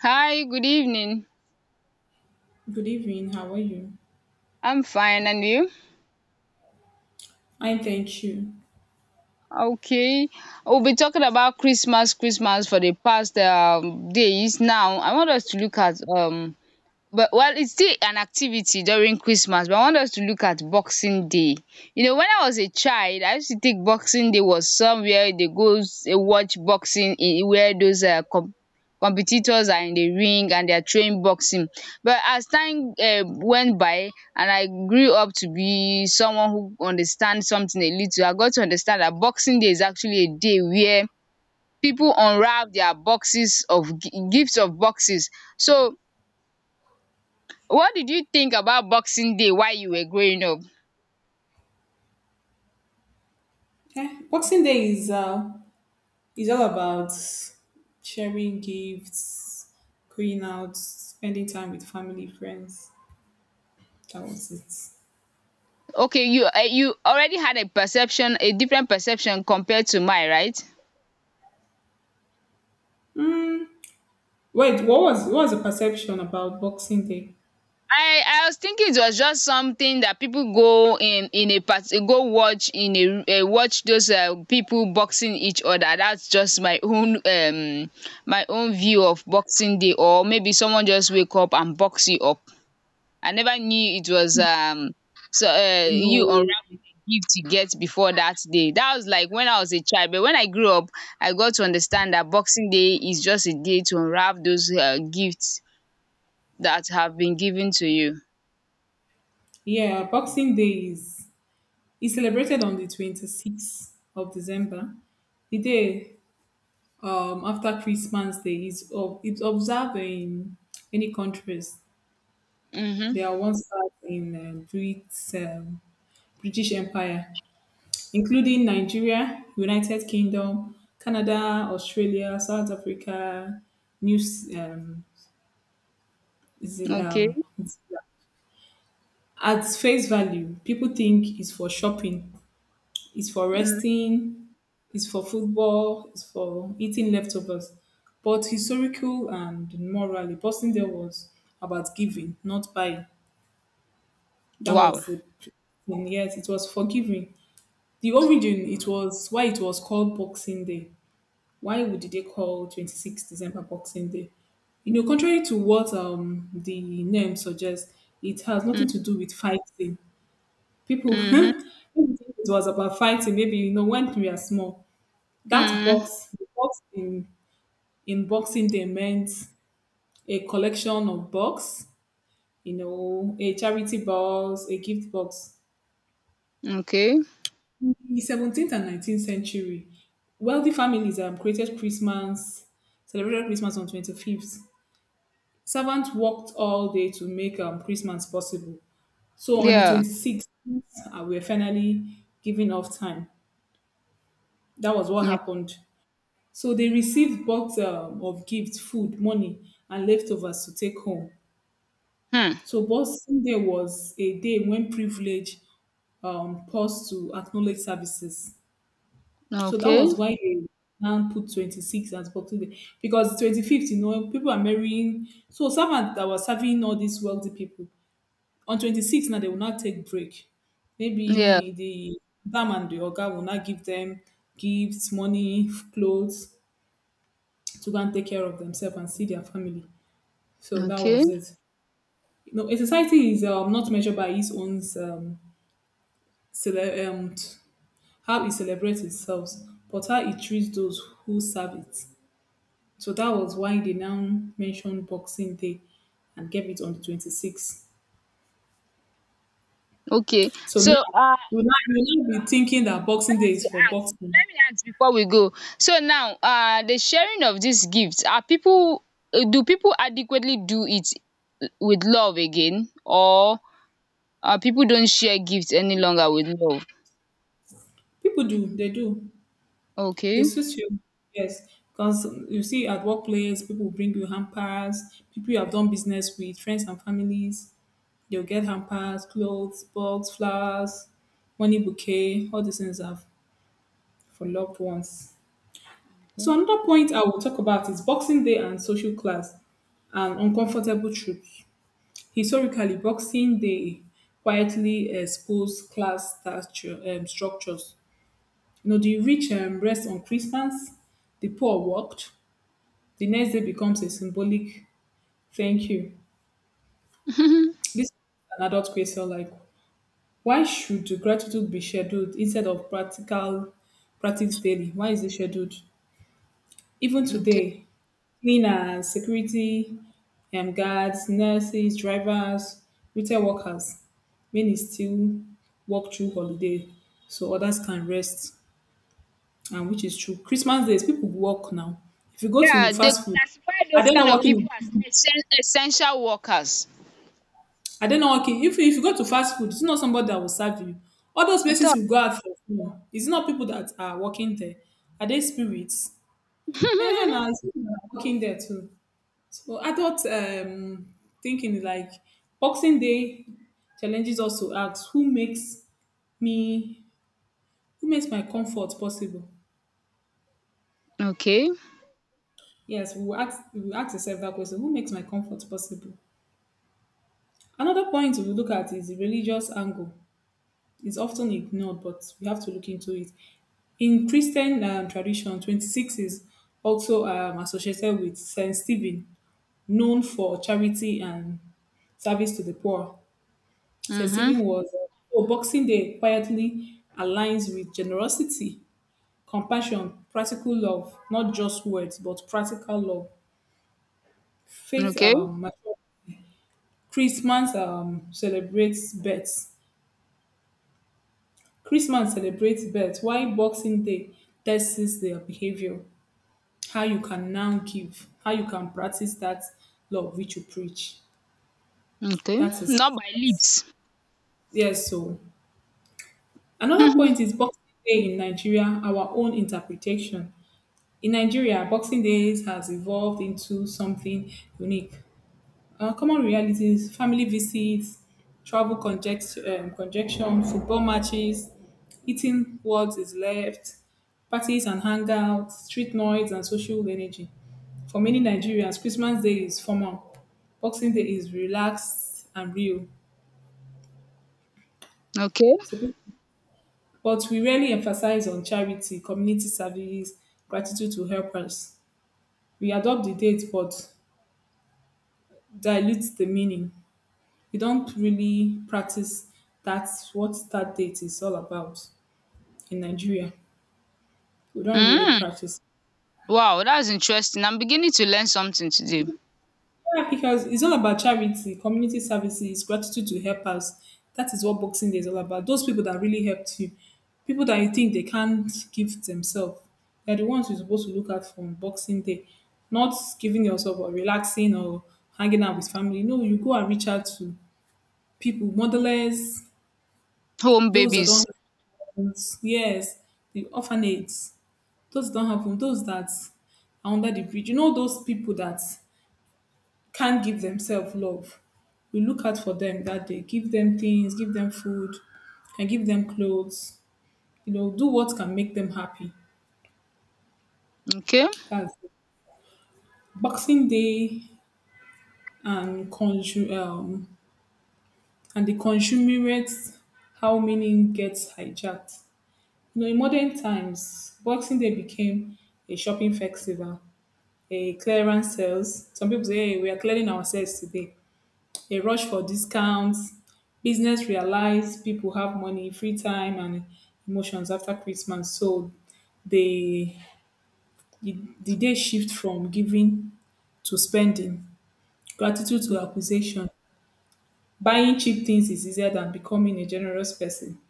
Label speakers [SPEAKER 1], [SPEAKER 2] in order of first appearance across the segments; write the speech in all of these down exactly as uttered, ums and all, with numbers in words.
[SPEAKER 1] Hi, good evening.
[SPEAKER 2] Good evening. How are you?
[SPEAKER 1] I'm fine, and you?
[SPEAKER 2] Fine, thank you.
[SPEAKER 1] Okay, we'll be talking about Christmas, Christmas for the past um, days. Now, I want us to look at um but well, it's still an activity during Christmas, but I want us to look at Boxing Day. You know, when I was a child, I used to think Boxing Day was somewhere they go s- eh, watch boxing in where those um com competitors are in the ring and they are trained boxing. But as time um went by and I grew up to be someone who understands something a little, I got to understand that Boxing Day is actually a day where people unwrap their boxes of gi- gifts of boxes. So what did you think about Boxing Day while you were growing up?
[SPEAKER 2] Eh, Boxing Day is uh, is all about sharing gifts, going out, spending time with family, friends. That was it.
[SPEAKER 1] Okay, you uh, you already had a perception, a different perception compared to mine, right?
[SPEAKER 2] Mm, Wait, what was what was the perception about Boxing Day?
[SPEAKER 1] I I was thinking it was just something that people go in in a part go watch in a uh, watch those uh, people boxing each other. That's just my own um my own view of Boxing Day, or maybe someone just wake up and box you up. I never knew it was um so uh, you on
[SPEAKER 2] No.
[SPEAKER 1] gift you get before that day. That was like when I was a child. But when I grew up, I got to understand that Boxing Day is just a day to unwrap those uh, gifts that have been given to you.
[SPEAKER 2] Yeah, Boxing Day is is celebrated on the twenty sixth of December. The day um after Christmas Day is ob- it's observed in many countries.
[SPEAKER 1] Mm-hmm.
[SPEAKER 2] They are once part in um, Brits, um, British Empire, including Nigeria, United Kingdom, Canada, Australia, South Africa, New S- um, Zeal-
[SPEAKER 1] Okay.
[SPEAKER 2] um, Zealand. At face value, people think it's for shopping, it's for
[SPEAKER 1] Mm.
[SPEAKER 2] resting, it's for football, it's for eating leftovers. But historical and morally, Boston there was about giving, not buying. That
[SPEAKER 1] Wow.
[SPEAKER 2] was the. Yes, it was for giving. The origin it was why it was called Boxing Day. Why would they call twenty sixth December Boxing Day? You know, contrary to what um the name suggests, it has
[SPEAKER 1] Mm.
[SPEAKER 2] nothing to do with fighting. People people
[SPEAKER 1] Mm-hmm.
[SPEAKER 2] think it was about fighting. Maybe you know when we are small, that
[SPEAKER 1] Mm.
[SPEAKER 2] box, the box in in Boxing Day meant a collection of box. You know, a charity box, a gift box.
[SPEAKER 1] Okay.
[SPEAKER 2] In the seventeenth and nineteenth century, wealthy families um, created Christmas, celebrated Christmas on twenty-fifth. Servants worked all day to make um, Christmas possible. So on the
[SPEAKER 1] Yeah.
[SPEAKER 2] twenty-sixth, uh, we were finally given off time. That was what
[SPEAKER 1] Mm.
[SPEAKER 2] happened. So they received box um, of gifts, food, money, and leftovers to take home.
[SPEAKER 1] Hmm.
[SPEAKER 2] So Boxing Day was a day when privilege um, paused to acknowledge services. So that
[SPEAKER 1] Okay.
[SPEAKER 2] was why they now put twenty-six as Boxing Day because twenty-fifth, you know, people are marrying. So servant that was serving all these wealthy people on twenty-sixth now they will not take break.
[SPEAKER 1] Yeah.
[SPEAKER 2] Maybe the dam and the oga will not give them gifts, money, clothes to go and take care of themselves and see their family. So that
[SPEAKER 1] Okay.
[SPEAKER 2] was it. You know, a society is um, not measured by its own um, cele- um, t- how it celebrates itself, but how it treats those who serve it. So that was why they now mentioned Boxing Day and gave it on the twenty-sixth.
[SPEAKER 1] Okay.
[SPEAKER 2] So now
[SPEAKER 1] So uh, I
[SPEAKER 2] you now you now be thinking that Boxing Day
[SPEAKER 1] wanted to
[SPEAKER 2] is for
[SPEAKER 1] ask.
[SPEAKER 2] boxing.
[SPEAKER 1] Let me ask before we go. So now, uh, the sharing of this gift, are people? Uh, do people adequately do it with love again, or uh, people don't share gifts any longer with love.
[SPEAKER 2] People do, they do. They
[SPEAKER 1] Okay.
[SPEAKER 2] switch you. Yes. Because you see at workplace, people bring you hampers, people you have done business with, friends and families, they'll get hampers, clothes, box, flowers, money bouquet, all these things are for loved ones. So another point I will talk about is Boxing Day and social class and uncomfortable truths. Historically, Boxing Day quietly exposed class stature, um, structures. You know, the rich um, rest on Christmas, the poor worked. The next day becomes a symbolic thank you. This is an adult question like, why should gratitude be scheduled instead of practical practice daily? Why is it scheduled? Even
[SPEAKER 1] Okay.
[SPEAKER 2] today, cleaners, security um guards, nurses, drivers, retail workers. Many still work through holiday so others can rest and which is true. Christmas days people work now. If you go to
[SPEAKER 1] Yeah, they
[SPEAKER 2] fast food,
[SPEAKER 1] classify
[SPEAKER 2] are
[SPEAKER 1] those
[SPEAKER 2] they
[SPEAKER 1] kind
[SPEAKER 2] not
[SPEAKER 1] of
[SPEAKER 2] working
[SPEAKER 1] people
[SPEAKER 2] in
[SPEAKER 1] as
[SPEAKER 2] prison?
[SPEAKER 1] essen- essential workers.
[SPEAKER 2] Are they not working? If, if you go to fast food, it's not somebody that will serve you. All those
[SPEAKER 1] I
[SPEAKER 2] places
[SPEAKER 1] thought.
[SPEAKER 2] will go out for food. It's not people that are working there. Are they spirits? Yeah, now it's people that are working there too. So adult um, thinking is like Boxing Day challenges us to ask who makes me who makes my comfort possible.
[SPEAKER 1] Okay.
[SPEAKER 2] Yes, we will ask we will ask ourselves that question: Who makes my comfort possible? Another point we look at is the religious angle. It's often ignored, but we have to look into it. In Christian um, tradition, twenty-sixth is also um, associated with Saint Stephen, known for charity and service to the poor.
[SPEAKER 1] Mm-hmm.
[SPEAKER 2] Thanksgiving was, oh, Boxing Day quietly aligns with generosity, compassion, practical love, not just words, but practical love. Faith,
[SPEAKER 1] Okay.
[SPEAKER 2] um, mature- Christmas um, celebrates birth. Christmas celebrates birth, while Boxing Day tests their behavior, how you can now give, how you can practice that love which you preach.
[SPEAKER 1] Okay.
[SPEAKER 2] That is,
[SPEAKER 1] Not by lips.
[SPEAKER 2] yes, so. Another
[SPEAKER 1] Mhm.
[SPEAKER 2] point is Boxing Day in Nigeria, our own interpretation. In Nigeria, Boxing Days has evolved into something unique. Uh, common realities, family visits, travel conject- um, conjunction, football matches, eating what is left, parties and hangouts, street noise, and social energy. For many Nigerians, Christmas Day is formal, Boxing Day is relaxed and real.
[SPEAKER 1] Okay.
[SPEAKER 2] So, people, but we rarely emphasize on charity, community service, gratitude to helpers. We adopt the date, but dilutes the meaning. You don't really practice. That's what start date is all about in Nigeria. We don't really
[SPEAKER 1] Mm.
[SPEAKER 2] practice.
[SPEAKER 1] Wow, that's interesting. I'm beginning to learn something today.
[SPEAKER 2] Yeah, because it's all about charity, community services, gratitude to helpers. That is what Boxing Day is all about. Those people that really helped you, people that you think they can't give themselves, they're the ones you're supposed to look at from Boxing Day. Not giving yourself or relaxing or hanging out with family. No, you go and reach out to people, modelers,
[SPEAKER 1] Home
[SPEAKER 2] those that don't
[SPEAKER 1] babies.
[SPEAKER 2] have homes, yes, the orphanage. Those that don't have home, those that are under the bridge. You know those people that can't give themselves love. We look out for them that day. Give them things, give them food, can give them clothes, you know, do what can make them happy.
[SPEAKER 1] Okay.
[SPEAKER 2] That's it. Boxing Day and consu- um and the consumerate, how meaning gets hijacked. You know, in modern times, Boxing Day became a shopping festival, a clearance sales. Some people say, hey, we are clearing ourselves today. A rush for discounts. Business realize people have money, free time, and emotions after Christmas. So they the day shift from giving to spending, gratitude to acquisition. Buying cheap things is easier than becoming a generous person.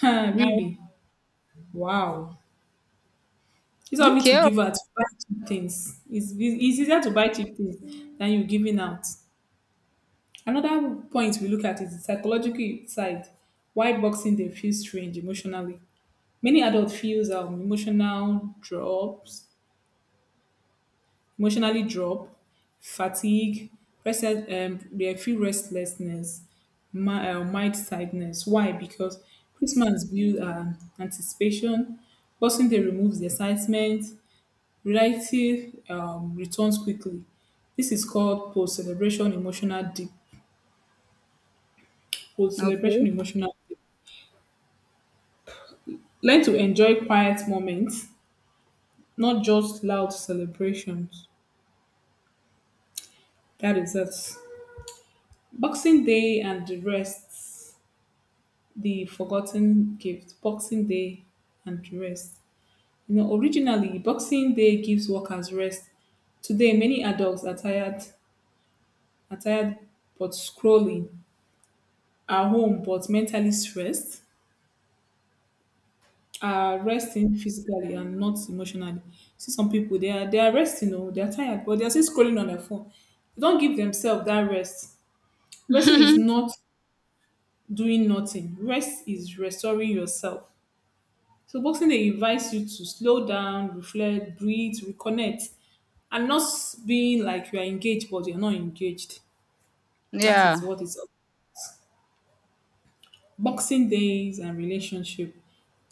[SPEAKER 1] Now.
[SPEAKER 2] Really? Wow. It's all me to
[SPEAKER 1] Okay.
[SPEAKER 2] give out to buy cheap things. It's, it's easier to buy cheap things than you giving out. Another point we look at is the psychological side, why boxing they feel strange emotionally. Many adults feels um, emotional drops, emotionally drop, fatigue, rest, um, they feel restlessness, mi- uh, mild sadness. Why? Because Christmas builds um, anticipation, boxing they removes the excitement, reality um, returns quickly. This is called post-celebration emotional deep, post-celebration
[SPEAKER 1] Okay.
[SPEAKER 2] emotional learn to enjoy quiet moments, not just loud celebrations. That is it. Boxing Day and the rest, the forgotten gift. Boxing Day and the rest. You know, originally, Boxing Day gives workers rest. Today, many adults are tired, are tired but scrolling, are home but mentally stressed, are resting physically and not emotionally. See some people they are they are resting, oh, they are tired, but they are still scrolling on their phone. They don't give themselves that rest. Resting is not doing nothing. Rest is restoring yourself. So boxing they invites you to slow down, reflect, breathe, reconnect, and not being like you are engaged but you're not engaged. That is
[SPEAKER 1] Yeah.
[SPEAKER 2] what is boxing days and relationship.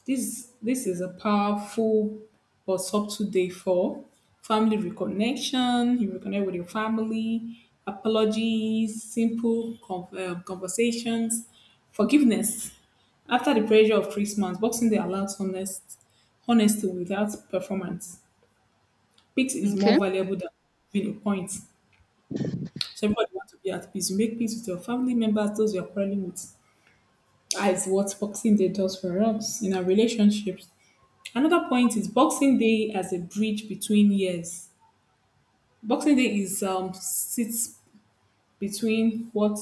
[SPEAKER 2] This this is a powerful but subtle day for family reconnection. You reconnect with your family, apologies, simple con- uh, conversations, forgiveness. After the pressure of Christmas, Boxing Day allows honest honesty without performance. Peace is more
[SPEAKER 1] Okay.
[SPEAKER 2] valuable than having a point. So everybody wants to be at peace. You make peace with your family members, those you are quarreling with. That is what Boxing Day does for us in our relationships. Another point is Boxing Day as a bridge between years. Boxing Day is um sits between what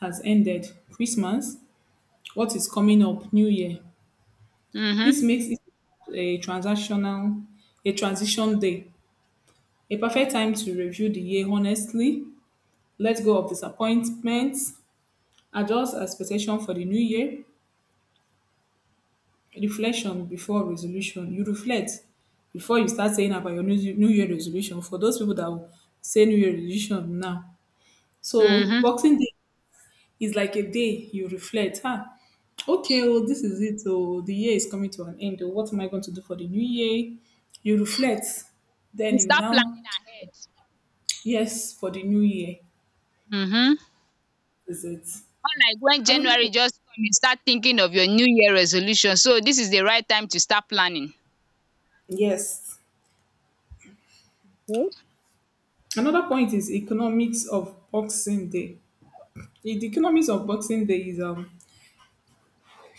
[SPEAKER 2] has ended, Christmas, what is coming up, New Year. This
[SPEAKER 1] Mm-hmm.
[SPEAKER 2] makes it a transactional, a transition day, a perfect time to review the year honestly, let go of disappointments, adjust expectation for the new year, reflection before resolution. You reflect before you start saying about your new, new year resolution. For those people that will say new year resolution now, so
[SPEAKER 1] Mm-hmm.
[SPEAKER 2] Boxing Day is like a day you reflect, huh? Okay, well, this is it. Oh, the year is coming to an end. Oh, what am I going to do for the new year? You reflect, then
[SPEAKER 1] You
[SPEAKER 2] you
[SPEAKER 1] start planning
[SPEAKER 2] now,
[SPEAKER 1] ahead.
[SPEAKER 2] yes, for the new year
[SPEAKER 1] Mm-hmm.
[SPEAKER 2] is it.
[SPEAKER 1] Not like when
[SPEAKER 2] Another
[SPEAKER 1] January
[SPEAKER 2] po-
[SPEAKER 1] just come, you start thinking of your new year resolution. So this is the right time to start planning.
[SPEAKER 2] yes.
[SPEAKER 1] Okay.
[SPEAKER 2] Another point is economics of Boxing Day. The the economics of Boxing Day is um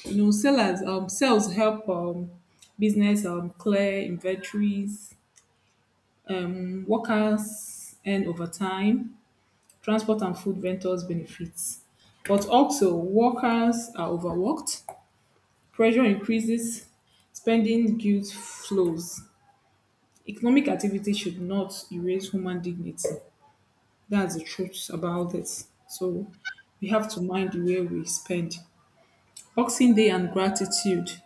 [SPEAKER 2] you know sellers um sales help um business um clear inventories um workers earn overtime transport and food vendors benefits. But also, workers are overworked, pressure increases, spending guilt flows. Economic activity should not erase human dignity. That's the truth about it. So we have to mind the way we spend. Boxing Day and gratitude.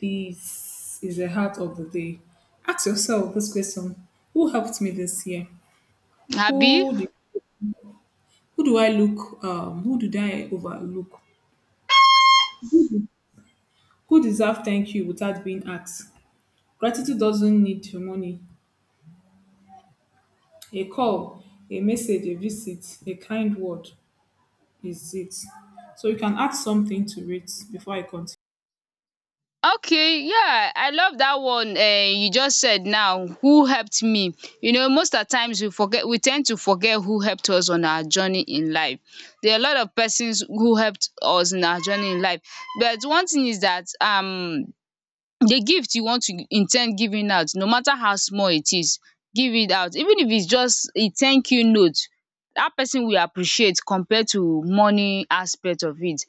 [SPEAKER 2] This is the heart of the day. Ask yourself this question: Who helped me this year?
[SPEAKER 1] Abi?
[SPEAKER 2] Who do, who do I look? Um, who did I overlook? Who deserve thank you without being asked? Gratitude doesn't need your money. A call, a message, a visit, a kind word is it. So you can add something to it before I continue.
[SPEAKER 1] Okay, yeah, I love that one uh, you just said now. Who helped me? You know, most of the times we forget, we tend to forget who helped us on our journey in life. There are a lot of persons who helped us in our journey in life. But one thing is that um the gift you want to intend giving out, no matter how small it is, give it out. Even if its just a thank you note, that person will appreciate compared to money aspect of it.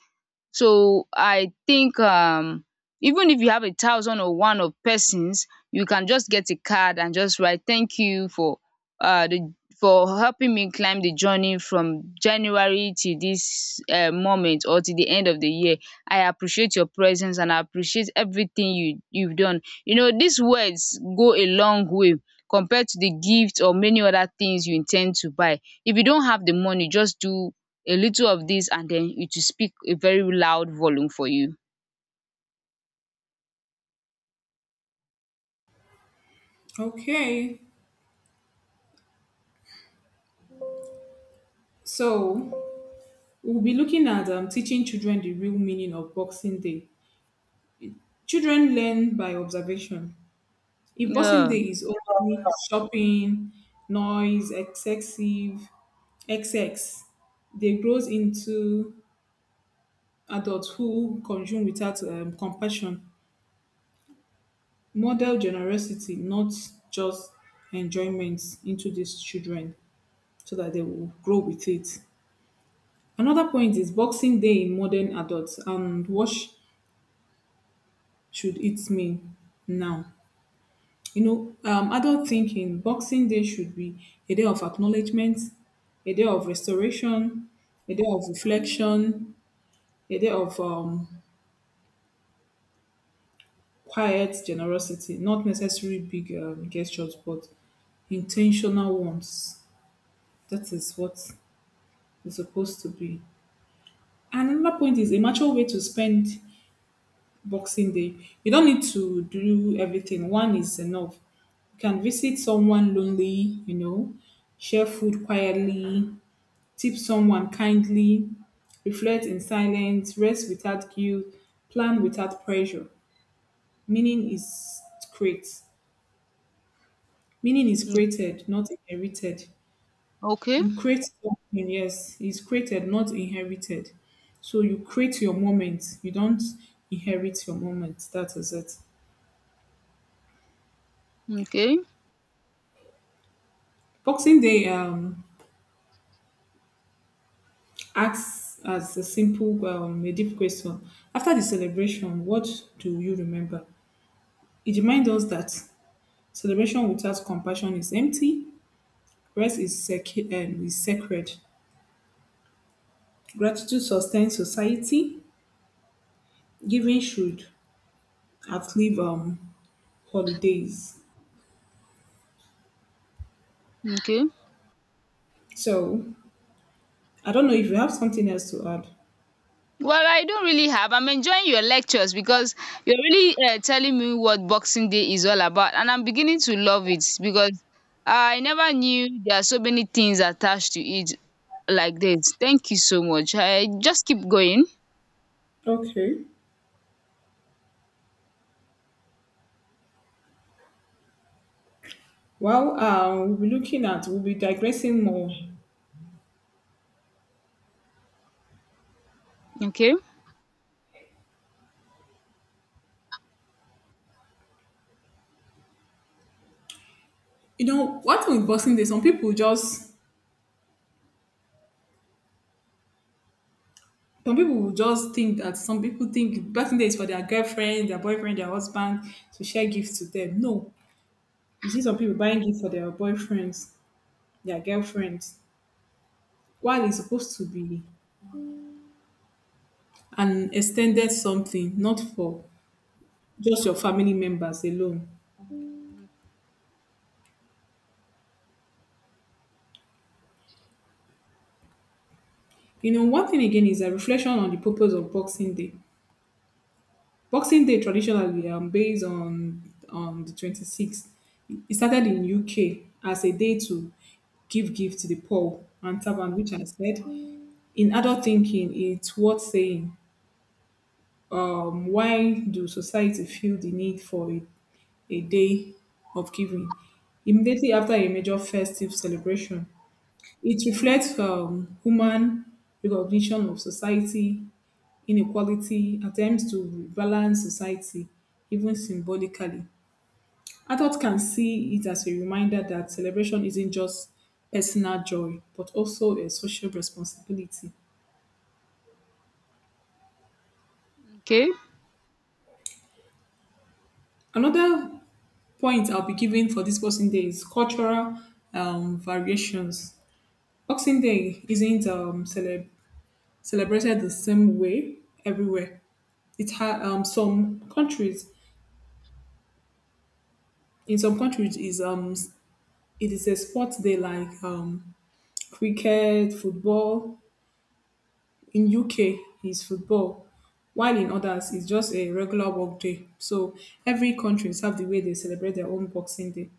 [SPEAKER 1] So I think um even if you have a thousand or one of persons, you can just get a card and just write thank you for uh the for helping me climb the journey from January to this uh, moment or to the end of the year. I appreciate your presence and I appreciate everything you you've done. You know, these words go a long way compared to the gift or many other things you intend to buy. If you don't have the money, just do a little of this and then it will speak a very loud volume for you.
[SPEAKER 2] Okay, so we'll be looking at um, teaching children the real meaning of Boxing Day. Children learn by observation. If Boxing
[SPEAKER 1] Yeah.
[SPEAKER 2] Day is only shopping, noise, excessive, excess, they grows into adults who consume without um, compassion model generosity, not just enjoyment, into these children so that they will grow with it. Another point is Boxing Day in modern adults and what sh- should it mean now? You know, um, adult thinking Boxing Day should be a day of acknowledgement, a day of restoration, a day of reflection, a day of um, quiet generosity, not necessarily big um, gestures, but intentional ones. That is what it's supposed to be. And another point is a mature way to spend Boxing Day. You don't need to do everything. One is enough. You can visit someone lonely, you know, share food quietly, tip someone kindly, reflect in silence, rest without guilt, plan without pressure. Meaning is create. Meaning is
[SPEAKER 1] Mm.
[SPEAKER 2] created, not inherited.
[SPEAKER 1] Okay.
[SPEAKER 2] You create something, yes, it's created, not inherited. So you create your moment. You don't inherit your moment. That is it.
[SPEAKER 1] Okay.
[SPEAKER 2] Boxing Day um, asks as a simple, um, a deep question. After the celebration, what do you remember? It reminds us that celebration without compassion is empty, rest is, sec- um, is sacred, gratitude sustains society, giving should outlive um, holidays.
[SPEAKER 1] Okay.
[SPEAKER 2] So I don't know if you have something else to add.
[SPEAKER 1] Well, I don't really have. I'm enjoying your lectures because you're really uh, telling me what Boxing Day is all about, and I'm beginning to love it because I never knew there are so many things attached to it like this. Thank you so much. I just keep going.
[SPEAKER 2] Okay. Well, uh, we'll be looking at, we'll be digressing more.
[SPEAKER 1] Okay.
[SPEAKER 2] You know, what with Boxing Day, some people just, some people will just think that some people think Boxing Day is for their girlfriend, their boyfriend, their husband to share gifts to them. No, you see some people buying gifts for their boyfriends, their girlfriends, while it's supposed to be an extended something, not for just your family members alone. You know, one thing again is a reflection on the purpose of Boxing Day. Boxing Day traditionally um, based on on the twenty-sixth. It started in U K as a day to give gift to the poor and servant, which I said. In adult thinking, it's worth saying, um, why do society feel the need for a, a day of giving? Immediately after a major festive celebration, it reflects um, human recognition of society inequality, attempts to rebalance society, even symbolically. Adults can see it as a reminder that celebration isn't just personal joy, but also a social responsibility.
[SPEAKER 1] Okay.
[SPEAKER 2] Another point I'll be giving for this Boxing Day is cultural um, variations. Boxing Day isn't um, celeb- celebrated the same way everywhere. It ha- um, some countries in some countries is um it is a sports day like um cricket, football. In U K, is football, while in others, it's just a regular work day. So every country have the way they celebrate their own Boxing Day.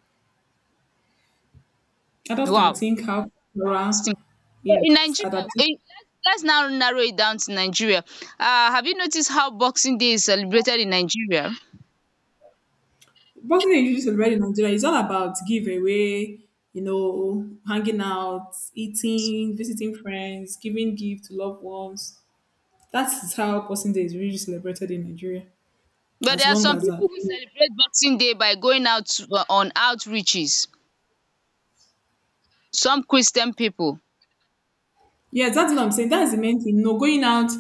[SPEAKER 2] Others can
[SPEAKER 1] Wow.
[SPEAKER 2] think how cultural,
[SPEAKER 1] So in
[SPEAKER 2] yes,
[SPEAKER 1] Nigeria,
[SPEAKER 2] adaptation.
[SPEAKER 1] in let's let's now narrow it down to Nigeria. Uh, have you noticed how Boxing Day is celebrated in Nigeria?
[SPEAKER 2] Boxing Day usually celebrated in Nigeria is all about giveaway, you know, hanging out, eating, visiting friends, giving gift to loved ones. That's how Boxing Day is really celebrated in Nigeria,
[SPEAKER 1] But
[SPEAKER 2] as
[SPEAKER 1] there are
[SPEAKER 2] long
[SPEAKER 1] some
[SPEAKER 2] as
[SPEAKER 1] people
[SPEAKER 2] that.
[SPEAKER 1] who celebrate Boxing Day by going out to- uh, on outreaches. Some Christian people.
[SPEAKER 2] Yes, that's what I'm saying. That's the main thing. No going out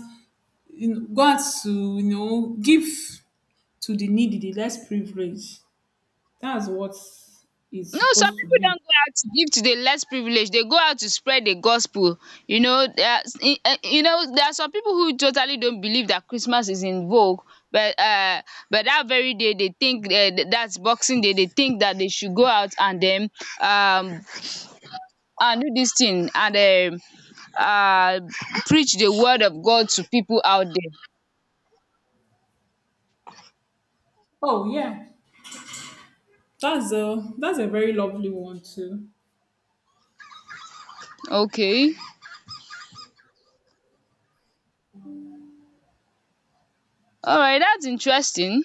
[SPEAKER 2] in- God to you know give to the needy, the less privileged. That's what it's
[SPEAKER 1] No, some
[SPEAKER 2] supposed to
[SPEAKER 1] people
[SPEAKER 2] be.
[SPEAKER 1] don't go out to give to the less privileged. They go out to spread the gospel. You know, there are, eh, you know, there are some people who totally don't believe that Christmas is in vogue. But uh, but that very day they think uh, that's Boxing Day. They think that they should go out and then um and do this thing and um um preach the word of God to people out there.
[SPEAKER 2] Oh yeah, that's a that's a very lovely one too.
[SPEAKER 1] Okay. Alright, that's interesting.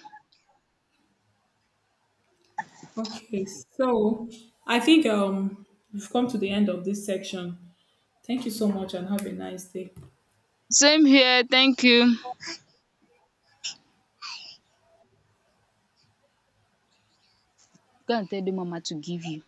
[SPEAKER 2] Okay, so I think um we've come to the end of this section. Thank you so much and have a nice day.
[SPEAKER 1] Same here. Thank you. Go and tell the mama to give you.